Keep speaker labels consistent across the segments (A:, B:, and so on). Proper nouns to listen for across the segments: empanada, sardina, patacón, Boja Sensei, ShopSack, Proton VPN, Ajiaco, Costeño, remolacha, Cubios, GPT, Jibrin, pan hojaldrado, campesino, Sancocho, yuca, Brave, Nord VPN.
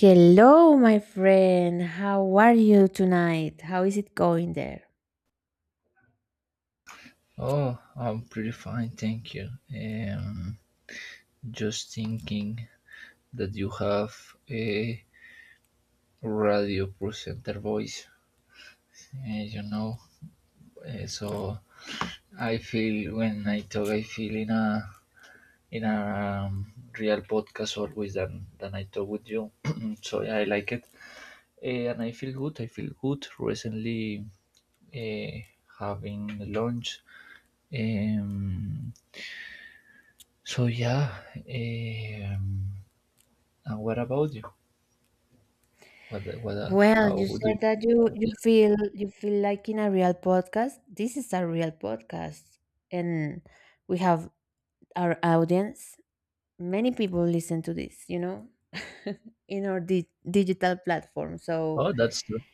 A: Hello, my friend. How are you tonight? How is it going there?
B: Oh, I'm pretty fine, thank you. Just thinking that you have a radio presenter voice, you know. So I feel when I talk, I feel in a in a real podcast always than I talk with you. So yeah, I like it. And I feel good. I feel good. Recently, uh, having lunch. Um, so yeah. eh, Um, And what about you? What, what,
A: Well,
B: how
A: you
B: do you?
A: said that you
B: Yeah.
A: feel you feel like in a real podcast. This is a real podcast, and we have our audience. Many people listen to this, you know, in our digital platform. So
B: Oh, that's true.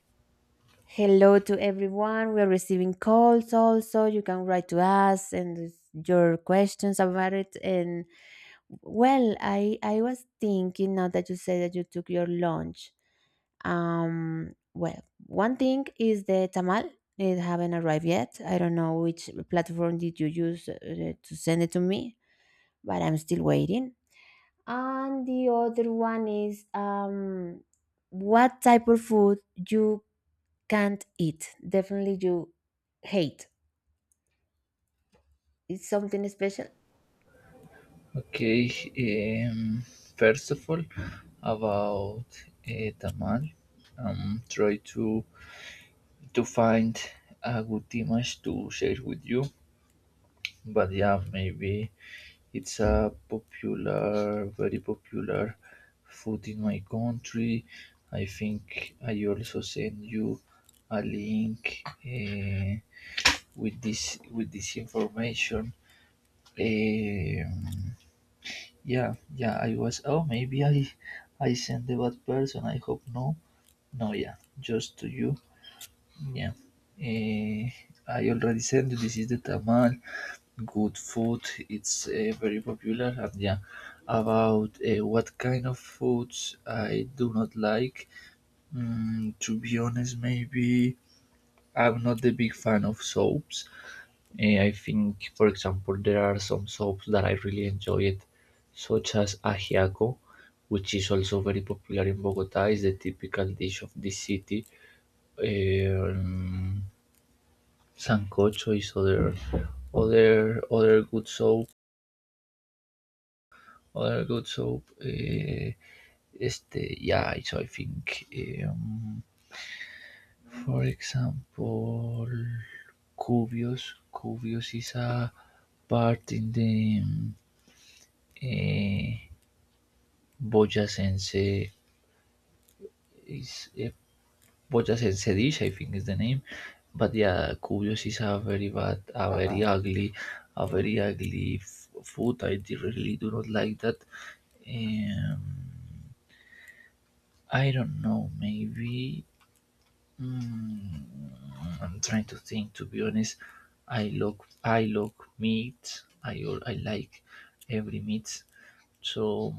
A: hello to everyone. We are receiving calls also. You can write to us and with your questions about it. And well, I was thinking now that you said that you took your lunch. Well, one thing is the tamal. It haven't arrived yet. I don't know which platform did you use to send it to me, but I'm still waiting. And the other one is what type of food you can't eat. Definitely you hate. It's something special.
B: Okay. First of all, about Tamal, try to find a good image to share with you. But yeah, maybe it's a popular, very popular food in my country. I think I also send you a link with this information. Eh, yeah, yeah, I was. Oh, maybe I sent the bad person. I hope no. No, yeah, just to you. Yeah. Eh, I already said this is the tamal. Good food. It's very popular. And yeah, about what kind of foods I do not like. To be honest, maybe I'm not the big fan of soaps. I think, for example, there are some soaps that I really enjoy it, such as Ajiaco, which is also very popular in Bogota. It's the typical dish of this city. Um, Sancocho is other good soap. Other good soap. Yeah. So I think, um, for example, Cubios. Cubios is a part in the. eh, Boja Sensei is yeah, Boja Sensei Dish, I think is the name. But yeah, Curious is a very bad, a very ugly food. I really do not like that. Um, I don't know. Maybe I'm trying to think. To be honest, I look meat. I like every meat. So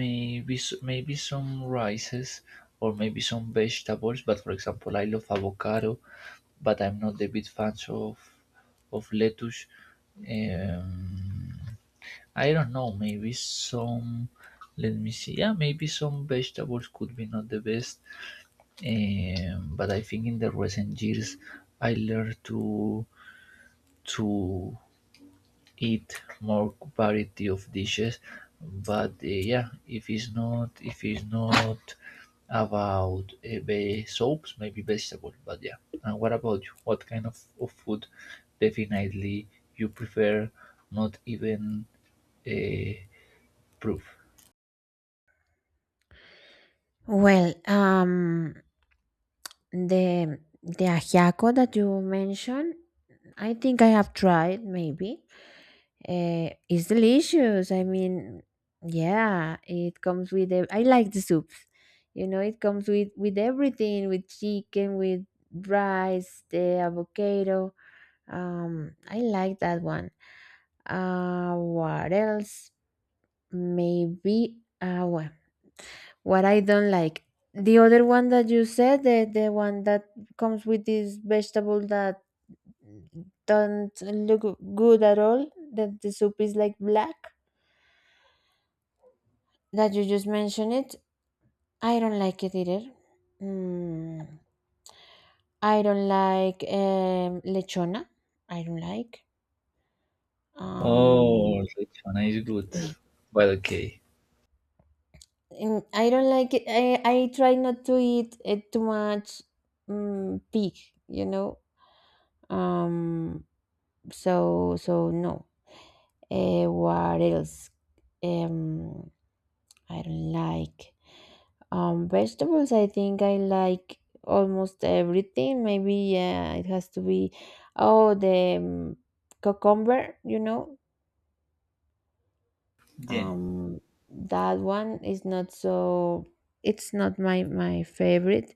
B: maybe maybe some rices or maybe some vegetables. But for example, I love avocado, but I'm not the big fan of lettuce. Um, I don't know. Maybe some. Let me see. Yeah, maybe some vegetables could be not the best. But I think in the recent years, I learned to eat more variety of dishes, but yeah, if it's not about soups, maybe vegetable. But yeah, and what about you? What kind of food definitely you prefer, not even uh, proof.
A: Well, the ajiaco that you mentioned, I think I have tried. Maybe it's delicious. I mean, yeah, it comes with. I like the soups. You know, it comes with everything, with chicken, with rice, the avocado. I like that one. What else? Maybe agua. What I don't like. The other one that you said, the one that comes with this vegetable that don't look good at all, that the soup is like black, that you just mentioned it, I don't like it either. Mm. I don't like lechona. I don't like. Um,
B: Oh, which one is good, but okay.
A: and I don't like it. I try not to eat it too much pig, you know, Um, so no. What else? Um, I don't like vegetables. I think I like almost everything. Maybe yeah, it has to be oh the cucumber. You know,
B: Yeah.
A: um, that one is not so. It's not my favorite.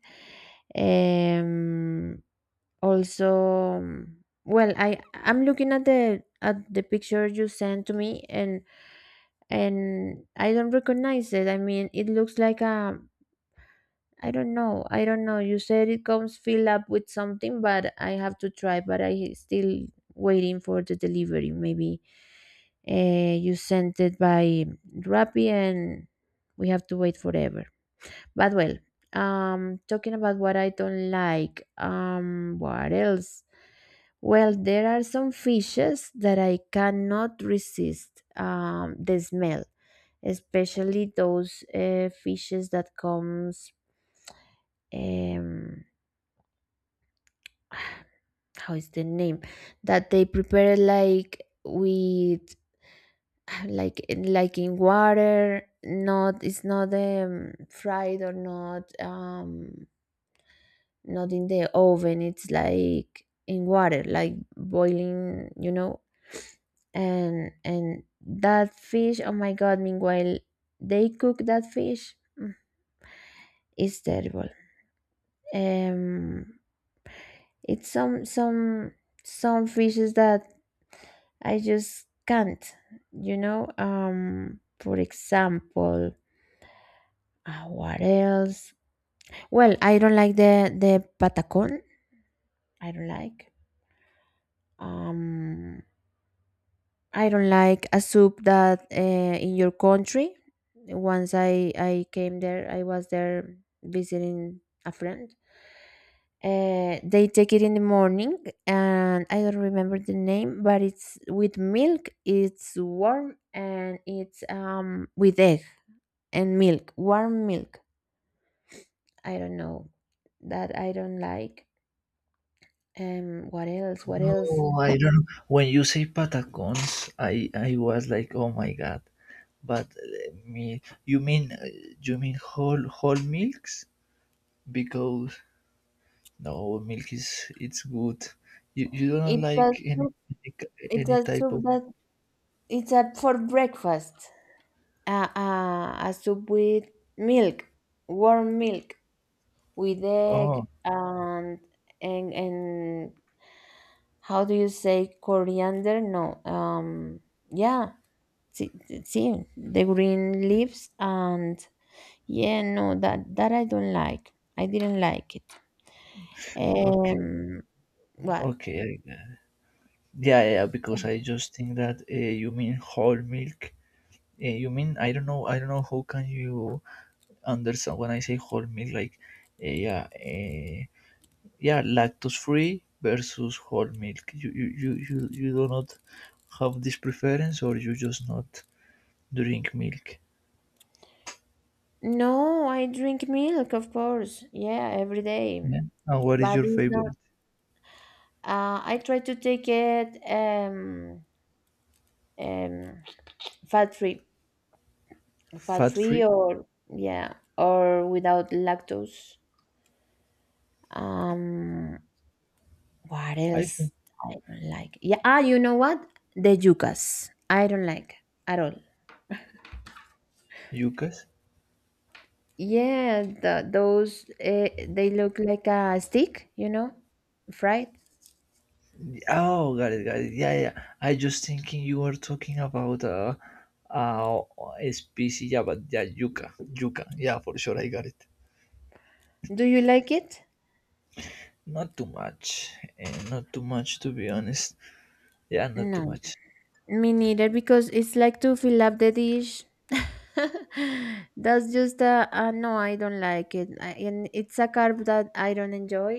A: Um, also um, well I'm looking at the picture you sent to me and I don't recognize it. I mean, it looks like a, I don't know. You said it comes filled up with something, but I have to try. But I still waiting for the delivery. Maybe you sent it by rappi and we have to wait forever. But well, talking about what I don't like, what else? Well, there are some fishes that I cannot resist the smell, especially those fishes that comes um, how is the name that they prepare like with like like in water. Not, it's not fried or not not in the oven. It's like in water like boiling, you know. And that fish, oh my god, meanwhile they cook that fish. It's terrible. um it's some some fishes that I just can't, you know. For example, what else? Well, I don't like the patacon. I don't like um I don't like a soup that in your country. Once I came there, I was there visiting a friend. They take it in the morning, and I don't remember the name, but it's with milk. It's warm and it's with egg and milk, warm milk. I don't know that I don't like. What else? What
B: No,
A: else?
B: I don't. When you say patacones, I was like, oh my god. But me, you mean whole milks? Because no, milk is it's good. You don't
A: It's a
B: like
A: soup. It's
B: any
A: a
B: type
A: soup
B: of.
A: that it's a for breakfast. A soup with milk, warm milk with egg
B: Oh
A: and and how do you say coriander? No, yeah, see, see the green leaves and yeah, no, that I don't like. I didn't like it.
B: okay,
A: Um, what?
B: okay. I get- yeah, yeah, yeah, because I just think that you mean whole milk, you mean, I don't know, I don't know how can you understand when I say whole milk, like yeah. Yeah, lactose free versus whole milk. You do not have this preference, or you just not drink milk?
A: No, I drink milk, of course. Yeah, every day.
B: Yeah. And what is
A: But
B: your
A: it's not.
B: favorite?
A: I try to take it um, fat free, fat
B: Fat
A: free,
B: free.
A: or yeah, or without lactose. Um, what
B: I
A: else
B: think.
A: I don't like? Yeah, ah, you know what? The yucas I don't like at all.
B: Yucas.
A: Yeah, the, those they look like a stick, you know, fried.
B: Oh, got it, got it. Yeah, yeah, I just thinking you were talking about uh a species. Yeah, but yeah, yuca. Yuca, yeah, for sure, I got it.
A: Do you like it?
B: Not too much, and not too much, to be honest. Yeah, not too
A: No.
B: much.
A: Me neither, because it's like to fill up the dish. That's just a no, I don't like it. And it's a carb that I don't enjoy.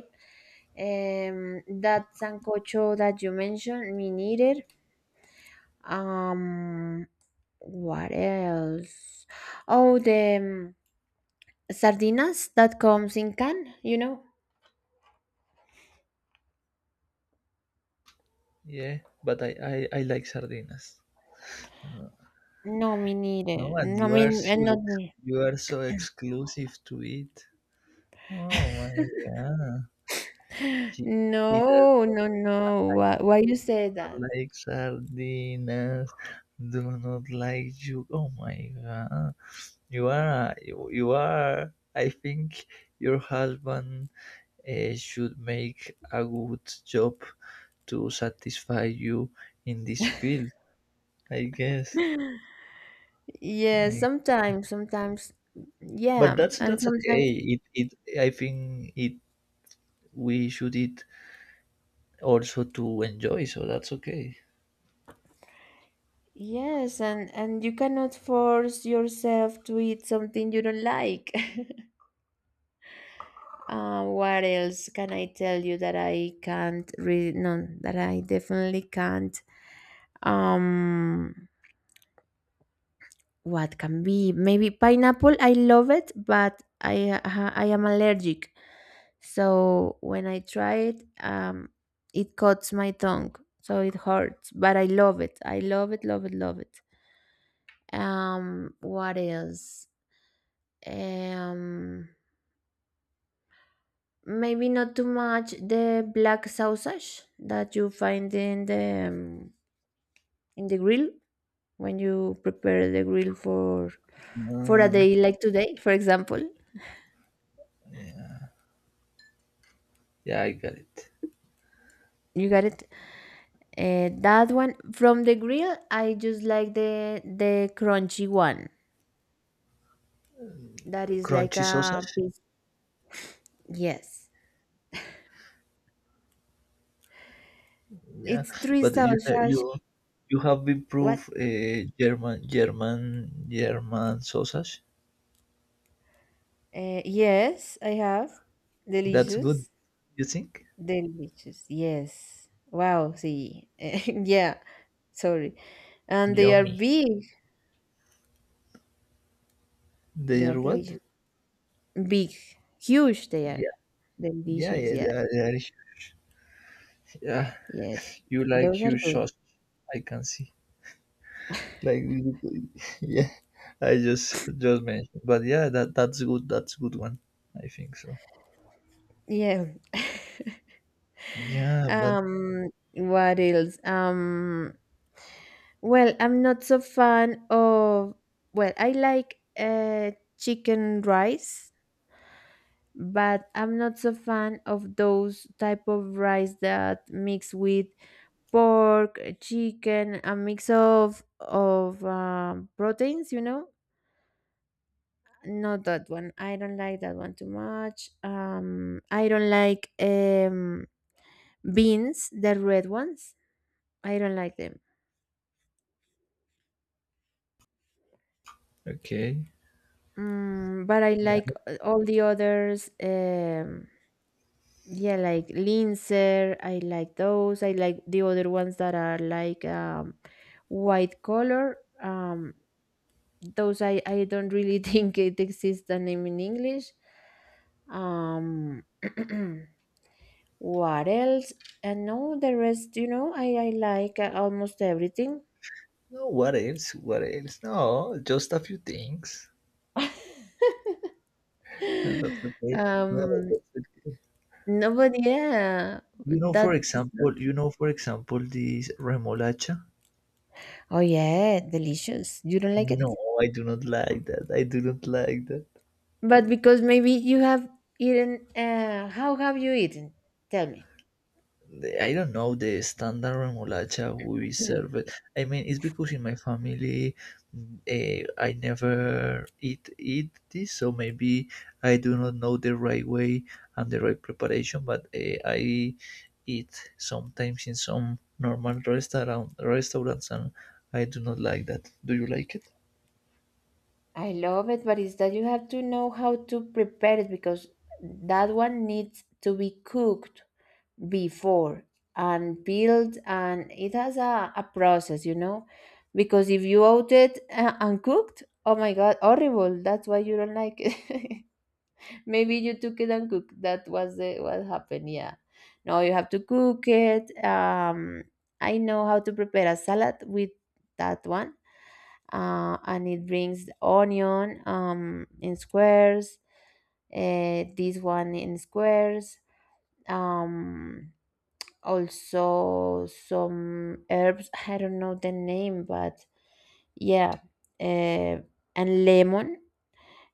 A: That sancocho that you mentioned, me neither. Um, what else? Oh, the sardinas that comes in can, you know?
B: Yeah, but I like sardinas.
A: No, me neither.
B: No, and
A: No, me, and not me.
B: you are so exclusive to it. Oh my god. She, she does
A: No, no, no. Why you say
B: not
A: that?
B: like sardinas. Do not like you. Oh my god. You are, I think, your husband should make a good job to satisfy you in this field, I guess.
A: Yeah,
B: Like,
A: sometimes, sometimes,
B: but
A: yeah, and
B: that's
A: sometimes,
B: okay. It I think it we should it also to enjoy. So that's okay.
A: yes, and you cannot force yourself to eat something you don't like. What else can I tell you that I can't re? No, that I definitely can't. Um, What can be? Maybe pineapple. I love it, but I am allergic. So when I try it, it cuts my tongue, so it hurts. But I love it. I love it. Love it. Love it. What else? Um, maybe not too much the black sausage that you find in the grill when you prepare the grill for a
B: Mm,
A: day like today, for example.
B: yeah. Yeah, I got it.
A: You got it. That one from the grill, I just like the crunchy one. That is like
B: Crunchy
A: a
B: sausage.
A: piece. Yes,
B: Yeah,
A: it's three
B: but you know,
A: sausage.
B: you have
A: What?
B: improved German sausage.
A: Yes, I have.
B: That's good.
A: Delicious,
B: You think?
A: delicious. Yes. Wow. See. yeah. Sorry. And they are
B: Yummy.
A: big. They
B: They
A: are
B: are what?
A: delicious. Big, huge. They are
B: Yeah, yeah,
A: delicious.
B: yeah.
A: Yeah.
B: They are, yeah.
A: Yeah.
B: You like
A: Those are
B: huge
A: good.
B: sausage. I can see. Like yeah, I just mentioned. But yeah, that that's good. That's good one. I think so.
A: Yeah.
B: Yeah, but
A: What else? Well, I'm not so fan of, well, I like chicken rice, but I'm not so fan of those type of rice that mix with pork, chicken, a mix of proteins, you know? Not that one. I don't like that one too much. I don't like beans, the red ones. I don't like them.
B: okay.
A: Mm, but I like all the others. Yeah like linzer, I like those. I like the other ones that are like white color. Those I don't really think it exists a name in English. um what else? And no, the rest, you know, I like almost everything.
B: No, what else? What else? No, just a few things. That's okay. No,
A: um
B: that's okay.
A: nobody yeah
B: You know, for
A: that
B: example, you know, for example, this remolacha.
A: oh yeah delicious you don't like it.
B: No, I do not like that. I do not like that.
A: But because maybe you have eaten, how have you eaten? Tell me.
B: I don't know the standard remolacha we serve. It. I mean, it's because in my family, I never eat this, so maybe I do not know the right way and the right preparation. But I eat sometimes in some normal restaurants, and I do not like that. Do you like it?
A: I love it, but it's that you have to know how to prepare it because that one needs to be cooked before and peeled, and it has a process, you know. Because if you out it uncooked, oh my god, horrible! That's why you don't like it. Maybe you took it and cooked. That was the, what happened. Yeah. No, you have to cook it. I know how to prepare a salad with that one. And it brings the onion in squares, this one in squares, um, also some herbs. I don't know the name, but yeah. Uh, and lemon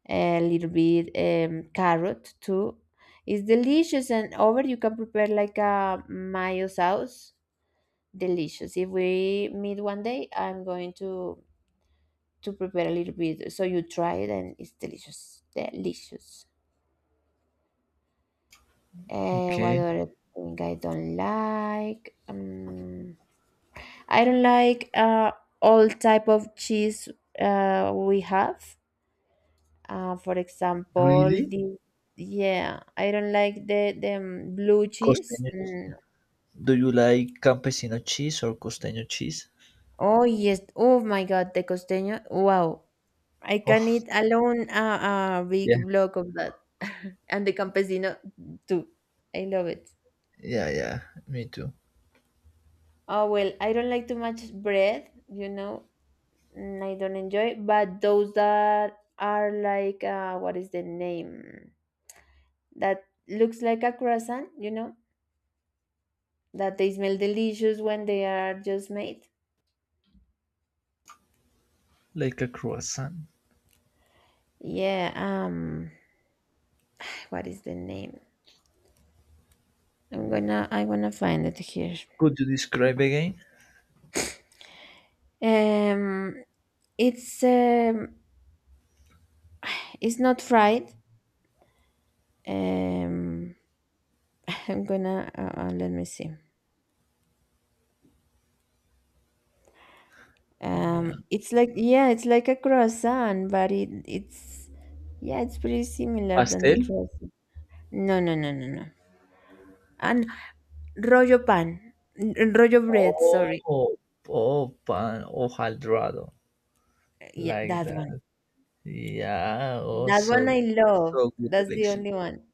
A: a little bit carrot too. It's delicious, and over you can prepare like a mayo sauce. Delicious. If we meet one day, I'm going to prepare a little bit so you try it, and it's delicious. Delicious. What
B: Okay,
A: other thing I don't like? I don't like all type of cheese we have. For example,
B: really?
A: the yeah, I don't like the blue cheese.
B: Costeño.
A: Mm.
B: Do you like campesino cheese or costeño cheese?
A: Oh yes. Oh my God, the costeño. Wow. I can
B: Oh,
A: eat alone a big
B: yeah,
A: block of that. And the campesino too. I love it.
B: yeah, yeah. Me too.
A: Oh well, I don't like too much bread, you know. Mm, I don't enjoy, but those that are like what is the name? That looks like a croissant, you know? That they smell delicious when they are just made.
B: Like a croissant.
A: Yeah, what is the name? I'm gonna find it here.
B: Could you describe again?
A: Um it's um it's not fried. Um I'm gonna let me see.
B: Yeah.
A: It's like yeah, it's like a croissant, but it it's yeah, it's pretty similar than the
B: Pastel?
A: croissant. No, no, no, no, no. And rollo pan, rollo bread, sorry.
B: Oh, oh, pan, hojaldrado.
A: Yeah,
B: Like
A: that one.
B: that. Yeah, oh,
A: That one I
B: so,
A: love.
B: so good
A: That's the
B: election.
A: only one.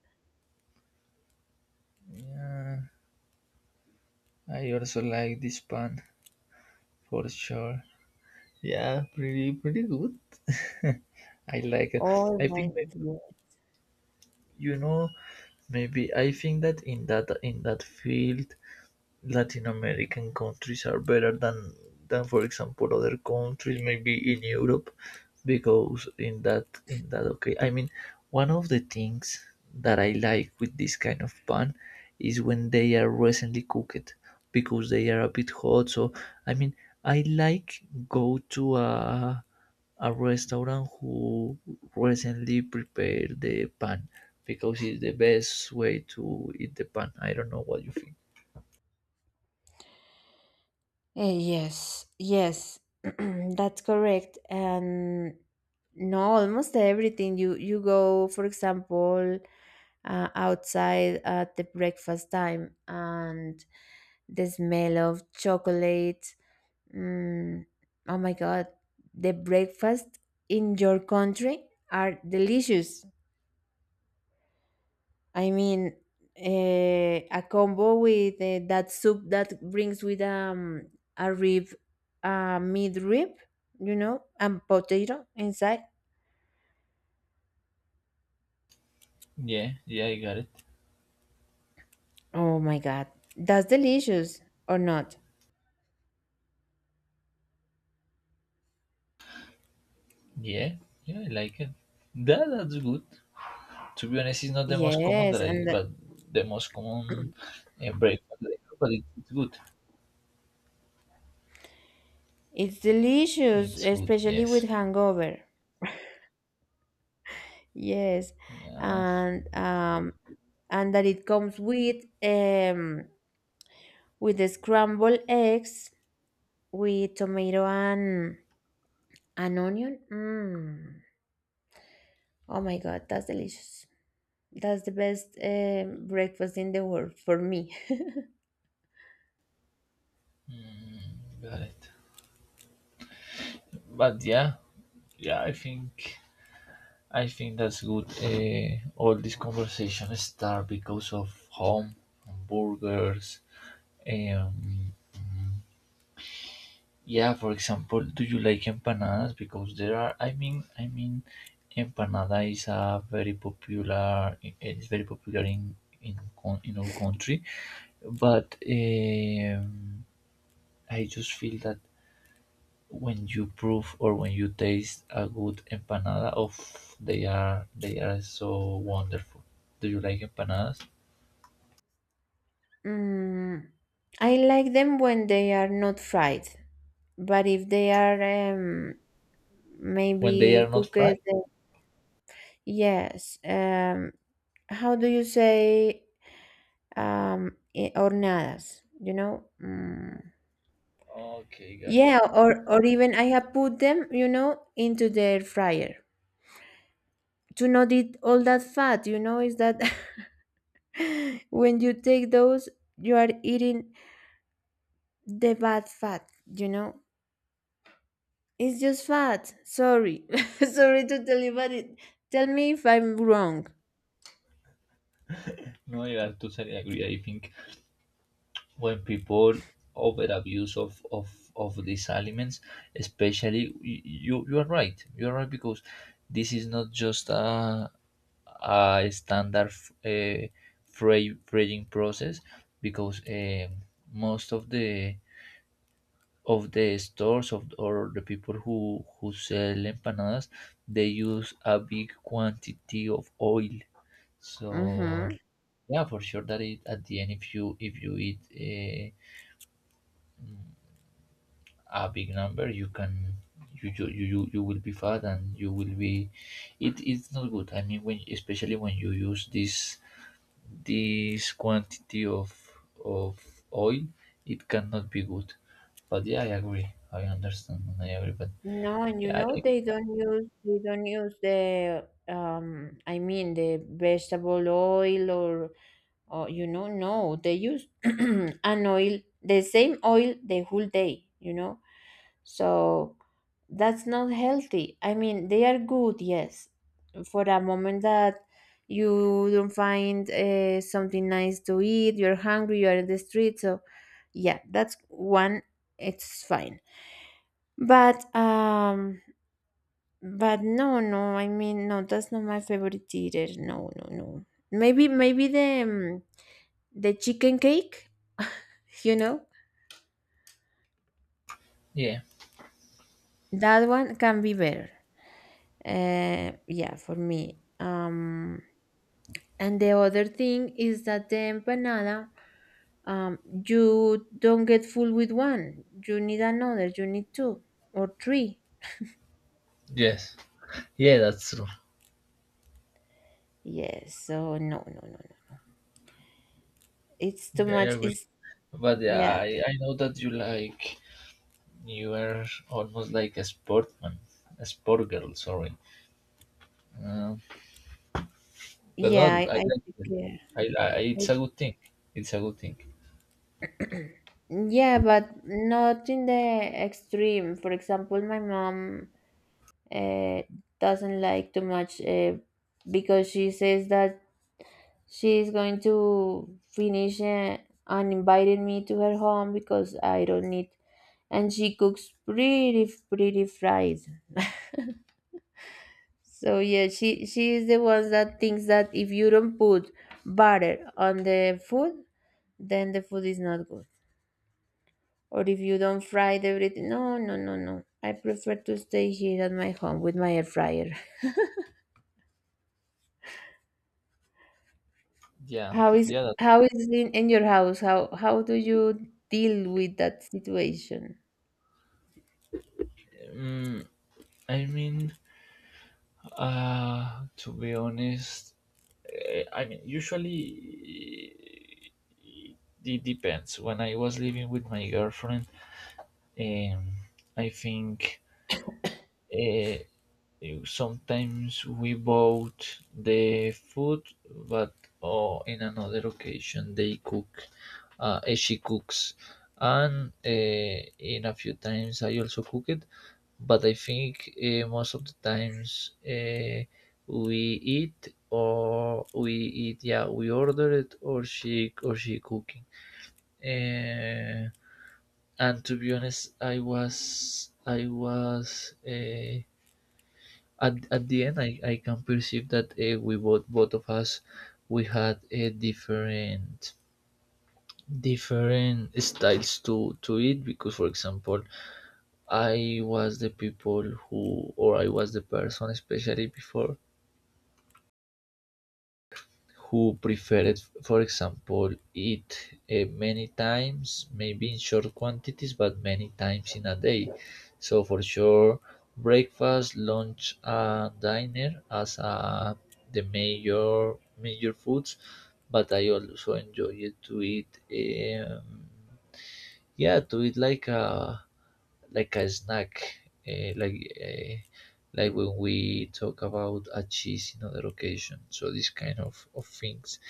B: Yeah, I also like this pan for sure. Yeah, pretty, pretty good. I like it.
A: Oh
B: I
A: my,
B: think,
A: yeah.
B: you know, maybe I think that in that field, Latin American countries are better than for example other countries maybe in Europe, because in that, okay, I mean, one of the things that I like with this kind of pan is when they are recently cooked, because they are a bit hot. So I mean, I like go to a restaurant who recently prepared the pan, because it's the best way to eat the pan. I don't know what you think.
A: Yes, yes, that's correct. And no, almost everything. You go, for example, outside at the breakfast time, and the smell of chocolate. Mm, oh my God, the breakfast in your country are delicious. I mean, a combo with that soup that brings with a rib, a meat rib, you know, and potato inside.
B: Yeah, yeah, I got it.
A: Oh my God, that's delicious or not?
B: Yeah, yeah, I like it. That, that's good. To be honest, it's not the most common
A: Yes,
B: that I,
A: and the-
B: but the most common breakfast, that I have, but it's good.
A: it's delicious,
B: It's good.
A: especially with
B: Yes.
A: hangover. Yes,
B: Yeah.
A: and um, and that it comes with the scrambled eggs with tomato and an onion. Mm. Oh my God, that's delicious. That's the best breakfast in the world for me.
B: Got it. But yeah, yeah, I think that's good. All this conversation start because of home, hamburgers, eh, um, yeah, for example, do you like empanadas? Because there are, I mean, empanada is a very popular. It's very popular in in our country, but I just feel that when you prove or when you taste a good empanada, of, they are so wonderful. Do you like empanadas
A: Mm, I like them when they are not fried, but if they are
B: when they
A: maybe
B: are not
A: cooked,
B: fried?
A: yes. How do you say horneadas?
B: Okay, got it.
A: Yeah, or even I have put them, into the air fryer to not eat all that fat. You know, is that When you take those, you are eating the bad fat, you know? It's just fat. Sorry. Sorry to tell you, but tell me if I'm wrong.
B: No, yeah, I totally agree. I think when people over abuse of these aliments, especially you, you are right. You are right, because this is not just a standard uh, fraying process, because most of the stores of or the people who sell empanadas, they use a big quantity of oil.
A: Mm-hmm.
B: So yeah, for sure that it, at the end, if you eat a big number, you can you will be fat, and you will be, it is not good. I mean, when especially when you use this this quantity of oil, it cannot be good. But yeah, I agree. I understand, and I agree. But
A: No, and you
B: yeah, I
A: know
B: like.
A: they don't use the I mean the vegetable oil or Oh, you know, no, they use an oil, the same oil the whole day, you know. So that's not healthy. I mean, they are good, yes, for a moment that you don't find something nice to eat, you're hungry, you're in the street. So, yeah, that's one, it's fine. But, um, but no, no, I mean, no, that's not my favorite either. No, no, no. Maybe, maybe the chicken cake, you know,
B: Yeah,
A: that one can be better. Yeah, for me. And the other thing is that the empanada, um, you don't get full with one. You need another. You need two or three.
B: yes. Yeah, that's true.
A: Yes. So no, no, no, no. It's too
B: Yeah, I
A: much.
B: agree.
A: It's
B: But yeah,
A: yeah,
B: I know that you like, you are almost like a sportman, a sport girl, sorry. uh, But
A: yeah.
B: not,
A: I,
B: I
A: I
B: like them.
A: care. I
B: It's a good thing. It's a good thing.
A: Yeah, but not in the extreme. For example, my mom uh, doesn't like too much because she says that she's going to finish and invited me to her home because I don't need, and she cooks pretty fried. So yeah, she is the one that thinks that if you don't put butter on the food, then the food is not good. Or if you don't fry everything. No, no, no, no. I prefer to stay here at my home with my air fryer.
B: Yeah,
A: How is
B: yeah. That,
A: how is it in your house? How do you deal with that situation?
B: mm, I mean, to be honest, I mean, usually it depends. When I was living with my girlfriend, um, I think uh, sometimes we bought the food, but oh, in another occasion they cook, she cooks, and in a few times I also cook it. But I think most of the times we eat or we eat, yeah, we order it or she cooking. Uh, and to be honest, I was. At the end, I can perceive that we both both of us we had a different different styles to it. Because for example, I was the people who or I was the person, especially before, who preferred, for example, eat many times, maybe in short quantities, but many times in a day. So for sure, breakfast, lunch, and dinner as the major major foods. But I also enjoy it to eat. Um, yeah, to eat like a snack, like. Uh, like when we talk about a cheese in other occasion, so these kind of things.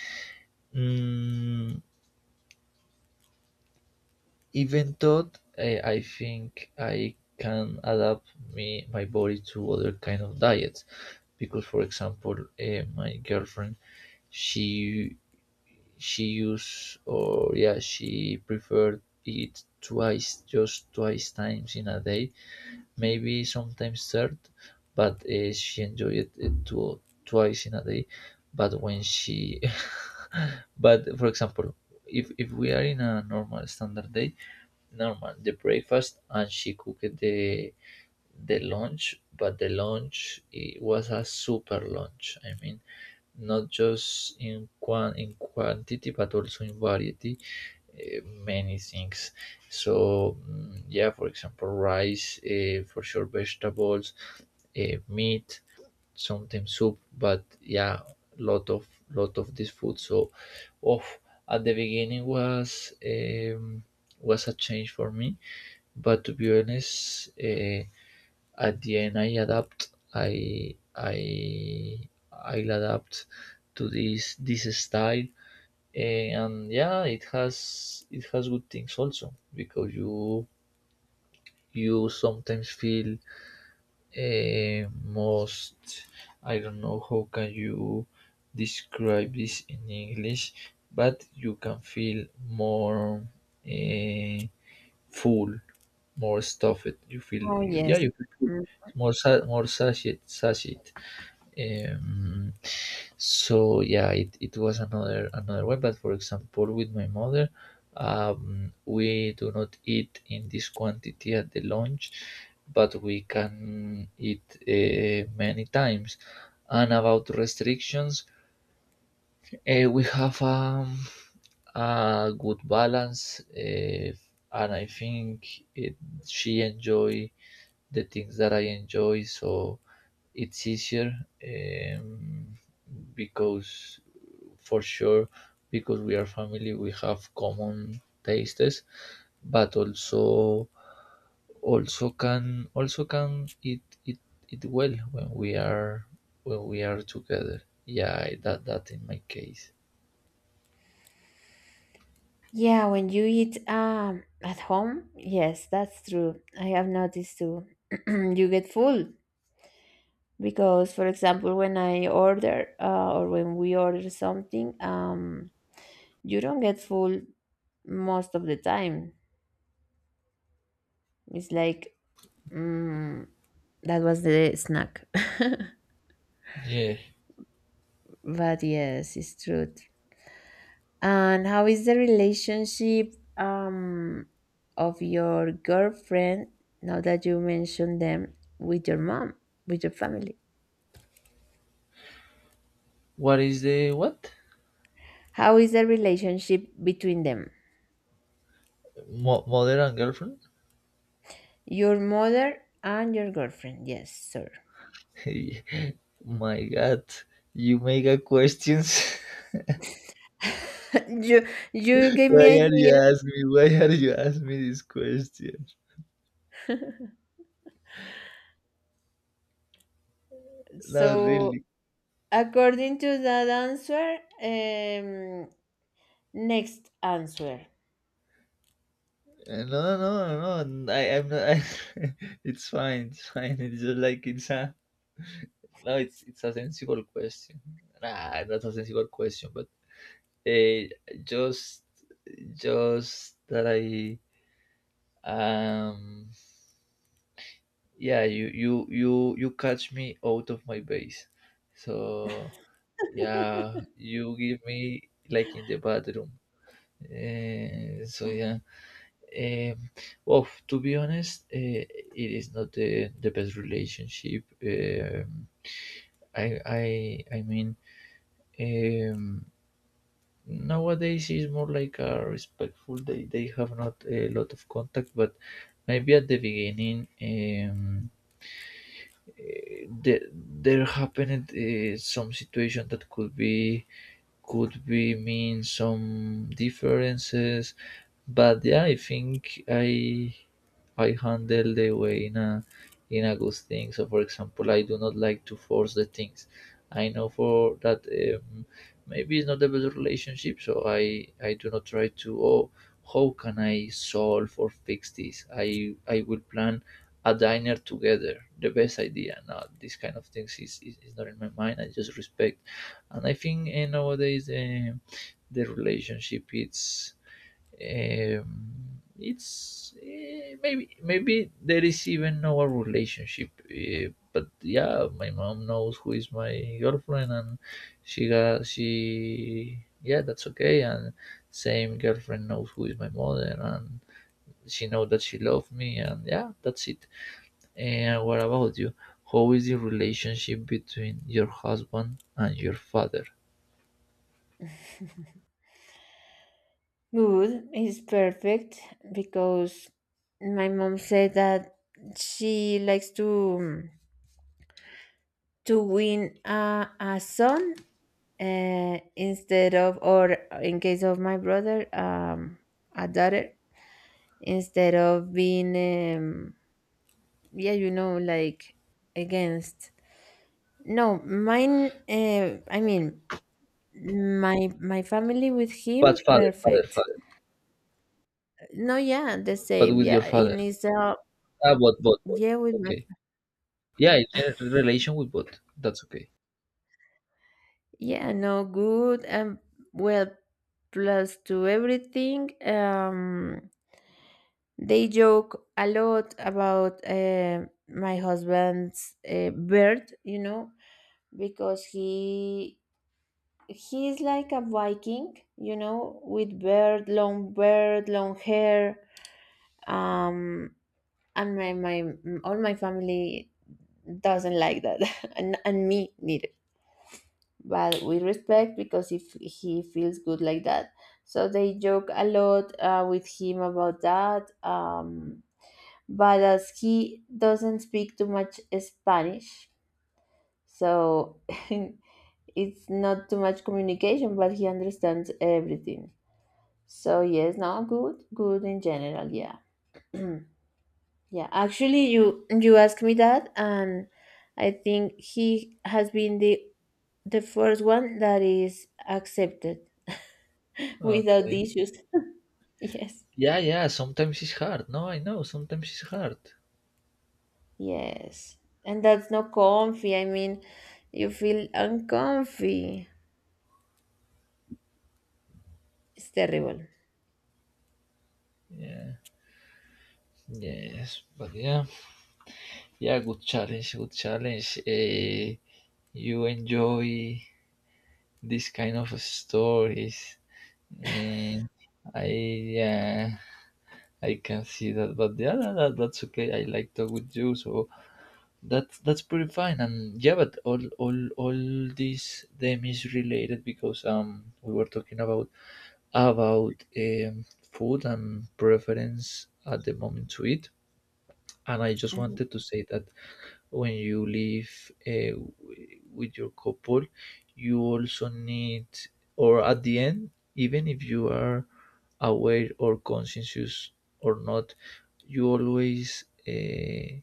B: Mm, Even though I think I can adapt me my body to other kind of diets, because for example, my girlfriend, she she use or yeah she preferred eat twice, just twice times in a day, maybe sometimes third, but she enjoyed it twice in a day. But when she, but for example, if we are in a normal standard day, normal the breakfast, and she cooked the launch, but the launch it was a super launch. I mean, not just in quantity but also in variety, uh, many things. So yeah, for example, rice, for sure, vegetables, meat, sometimes soup, but yeah, lot of this food. So, oh, at the beginning was a change for me, but to be honest. At the end I adapt, I'll adapt to this style. And yeah, it has, it has good things also because you sometimes feel most, I don't know how can you describe this in English, but you can feel more, eh, full, more stuffed. You feel,
A: Oh
B: yeah,
A: yes.
B: you feel full,
A: Mm.
B: more more satiate. um, so yeah, it was another way. But for example, with my mother, we do not eat in this quantity at the lunch, but we can eat many times. And about restrictions, we have, a good balance, and I think it, she enjoy the things that I enjoy. So it's easier, um, because, for sure, because we are family, we have common tastes, but also, also can eat it well when we are, when we are together. Yeah, I- that in my case.
A: Yeah, when you eat at home, yes, that's true. I have noticed too. You get full because, for example, when I order or when we order something, you don't get full most of the time. It's like mm, that was the snack.
B: Yeah.
A: But yes, it's true. And how is the relationship of your girlfriend now that you mentioned them with your mom, with your family?
B: What is the what?
A: How is the relationship between them?
B: Mo- mother and girlfriend?
A: Your mother and your girlfriend, yes, sir.
B: My god, you make a questions.
A: you you gave
B: Why
A: me
B: are you
A: idea.
B: ask me? Why are you ask me this question? No,
A: So
B: really.
A: according to that answer, um, next answer.
B: No, no, no, no, no. I'm not. I, it's fine. It's fine. It's just like it's a no. It's a sensible question. Nah, not a sensible question, but uh, just just that I, um, yeah, you catch me out of my base. So yeah, you give me like in the bathroom. So yeah. Um, well, to be honest, it is not the best relationship. I mean, um, nowadays it's more like a respectful. They have not a lot of contact, but maybe at the beginning, um, there happened some situation that could be mean some differences. But yeah, I think I handle the way in a, in a good thing. So for example, I do not like to force the things. I know for that. um, Maybe it's not the best relationship, so I do not try to, oh, how can I solve or fix this? I will plan a diner together the best idea now. This kind of things is not in my mind. I just respect. And I think nowadays, the relationship it's, um, it's, maybe there is even no relationship, but yeah, my mom knows who is my girlfriend, and she, yeah, that's okay. And same girlfriend knows who is my mother, and she know that she loved me, and yeah, that's it. And what about you? How is the relationship between your husband and your father?
A: Good is perfect because my mom said that she likes to win a son instead of or in case of my brother a daughter instead of being yeah you know like against no mine I mean my family with him
B: But father, father,
A: perfect
B: father.
A: no yeah the
B: But
A: same
B: with your
A: yeah it
B: father.
A: is
B: Ah, but, but.
A: yeah, with my
B: Okay. Yeah, it's a relation with both. That's okay.
A: Yeah, no good and well plus to everything. They joke a lot about my husband's bird, you know, because he's like a Viking, you know, with beard, long hair. Um, and my all my family doesn't like that, and me neither. But with respect because if he feels good like that. So they joke a lot with him about that. But as he doesn't speak too much Spanish, so it's not too much communication, but he understands everything. So yes, no, good, good in general, yeah. Yeah, actually, you asked me that, and I think he has been the first one that is accepted without the
B: Okay.
A: issues. Yes,
B: Yeah, yeah. Sometimes it's hard. No, I know. Sometimes it's hard.
A: yes. And that's not comfy. I mean, you feel uncomfy. It's terrible.
B: Yeah. Yes. But yeah. Yeah. Good challenge. Good challenge. Eh, you enjoy this kind of stories, and I, yeah. I can see that, but yeah, that's okay. I like talk with you, so that's pretty fine. And yeah, but all this them is related, because um, we were talking about um, food and preference at the moment to eat. And I just
A: Mhm.
B: wanted to say that when you live with your couple, you also need, or at the end, even if you are aware or conscientious or not, you always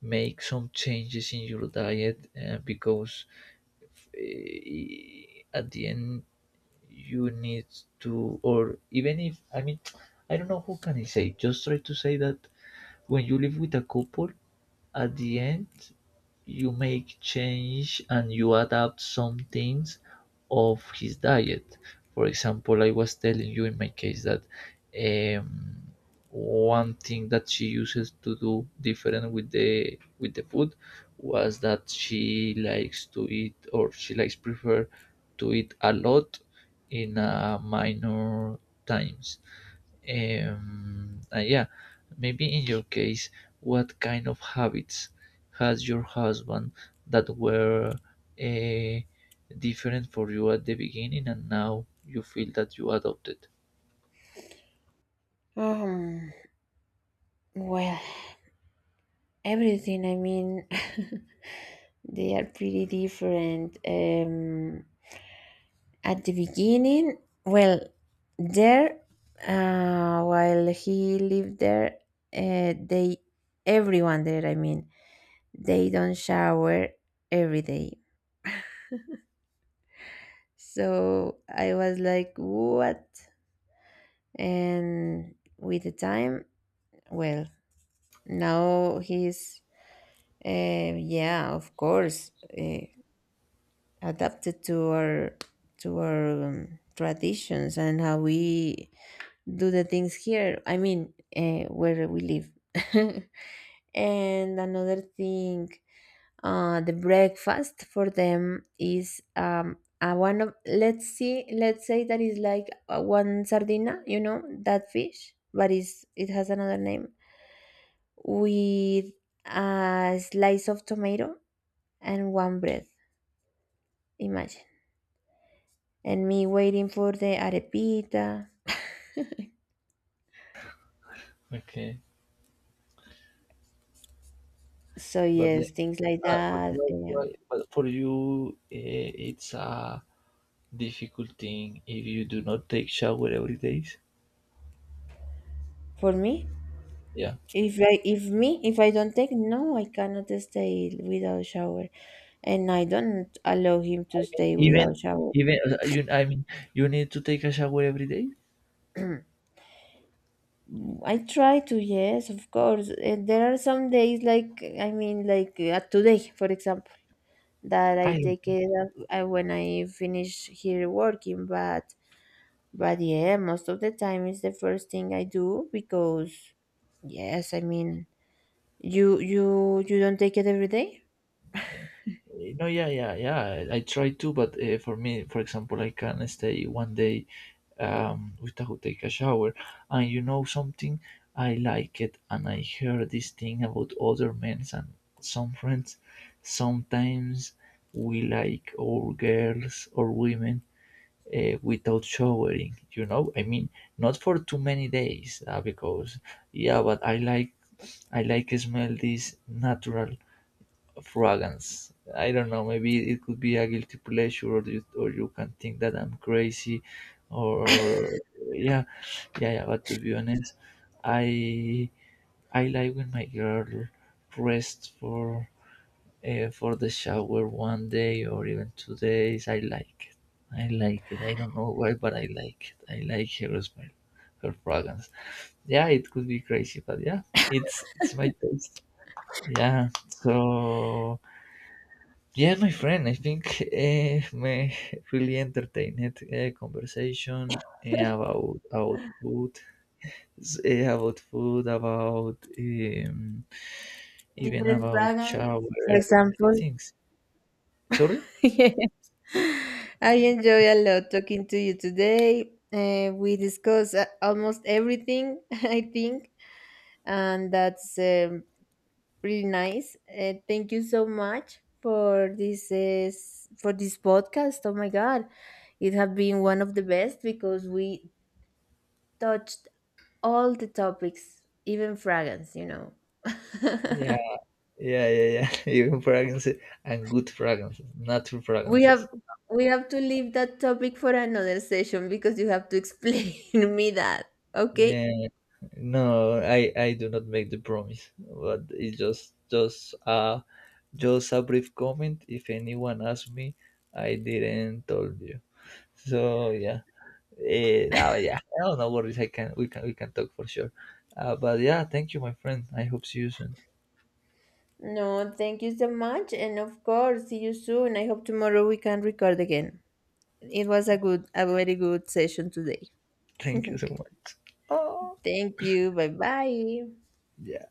B: make some changes in your diet, because uh, at the end you need to, or even if, I mean, I don't know who can I say, just try to say that when you live with a couple, at the end, you make change and you adapt some things of his diet. For example, I was telling you in my case that, um, one thing that she uses to do different with the food was that she likes to eat, or she likes prefer to eat a lot in a minor times. Yeah, maybe in your case, what kind of habits has your husband that were uh, different for you at the beginning, and now you feel that you adopted?
A: Um, well, everything, I mean, they are pretty different. At the beginning, well, there, while he lived there, uh, they, everyone there, I mean, they don't shower every day. So I was like, what? And with the time, well, now yeah, of course, uh, adapted to our traditions and how we do the things here. I mean, where we live. And another thing, the breakfast for them is a one of let's say that is like one sardina, you know that fish, but is it has another name with a slice of tomato and one bread. Imagine and me waiting for the arepita.
B: Okay,
A: So
B: but, the,
A: yes, things like that.
B: but for you, it's a difficult thing if you do not take shower every day.
A: For me,
B: Yeah,
A: if I don't take, no, I cannot stay without shower, and I don't allow him to stay
B: even,
A: without shower.
B: even you, I mean, you need to take a shower every day.
A: I try to, yes, of course. And there are some days, like I mean, like today, for example, that I
B: I.
A: take it when I finish here working. But yeah, most of the time it's the first thing I do because yes, I mean, you don't take it every day.
B: Yeah. No, yeah, yeah, yeah. I try to, but for me, for example, I can stay 1 day without take a shower. And you know something, I like it, and I hear this thing about other men and some friends. Sometimes we like our girls or women without showering. You know, I mean, not for too many days, because yeah, but I like, I like smell this natural fragrance. I don't know. Maybe it could be a guilty pleasure, or you can think that I'm crazy, or yeah, yeah, yeah. But to be honest, I I like when my girl rest for, for the shower 1 day, or even 2 days. I like it. I like it. I don't know why, but I like it. I like her smell, her fragrance. Yeah, it could be crazy, but yeah, it's my taste. Yeah. So yeah, my friend, I think, my really entertained conversation, about food, about even
A: Different
B: about
A: fragrance.
B: shower,
A: For
B: about many
A: example,
B: things. Sorry?
A: Yeah. I enjoy a lot talking to you today. We discuss almost everything, I think, and that's pretty nice. Thank you so much for this for this podcast. Oh my God, it has been one of the best because we touched all the topics, even fragrance, you know.
B: Yeah, yeah, Even fragrances and good fragrances, natural
A: We
B: fragrances.
A: have we have to leave that topic for another session because you have to explain me that. Okay?
B: Yeah, no, I do not make the promise, but it's just just a brief comment. If anyone asks me, I didn't told you. So yeah, eh, now yeah, I don't know worries. I can we can we can talk for sure. But yeah, thank you, my friend. I hope see you soon.
A: No, thank you so much and of course see you soon. I hope tomorrow we can record again. It was a very good session today.
B: Thank you so much. Oh
A: Thank you. Bye bye.
B: yeah.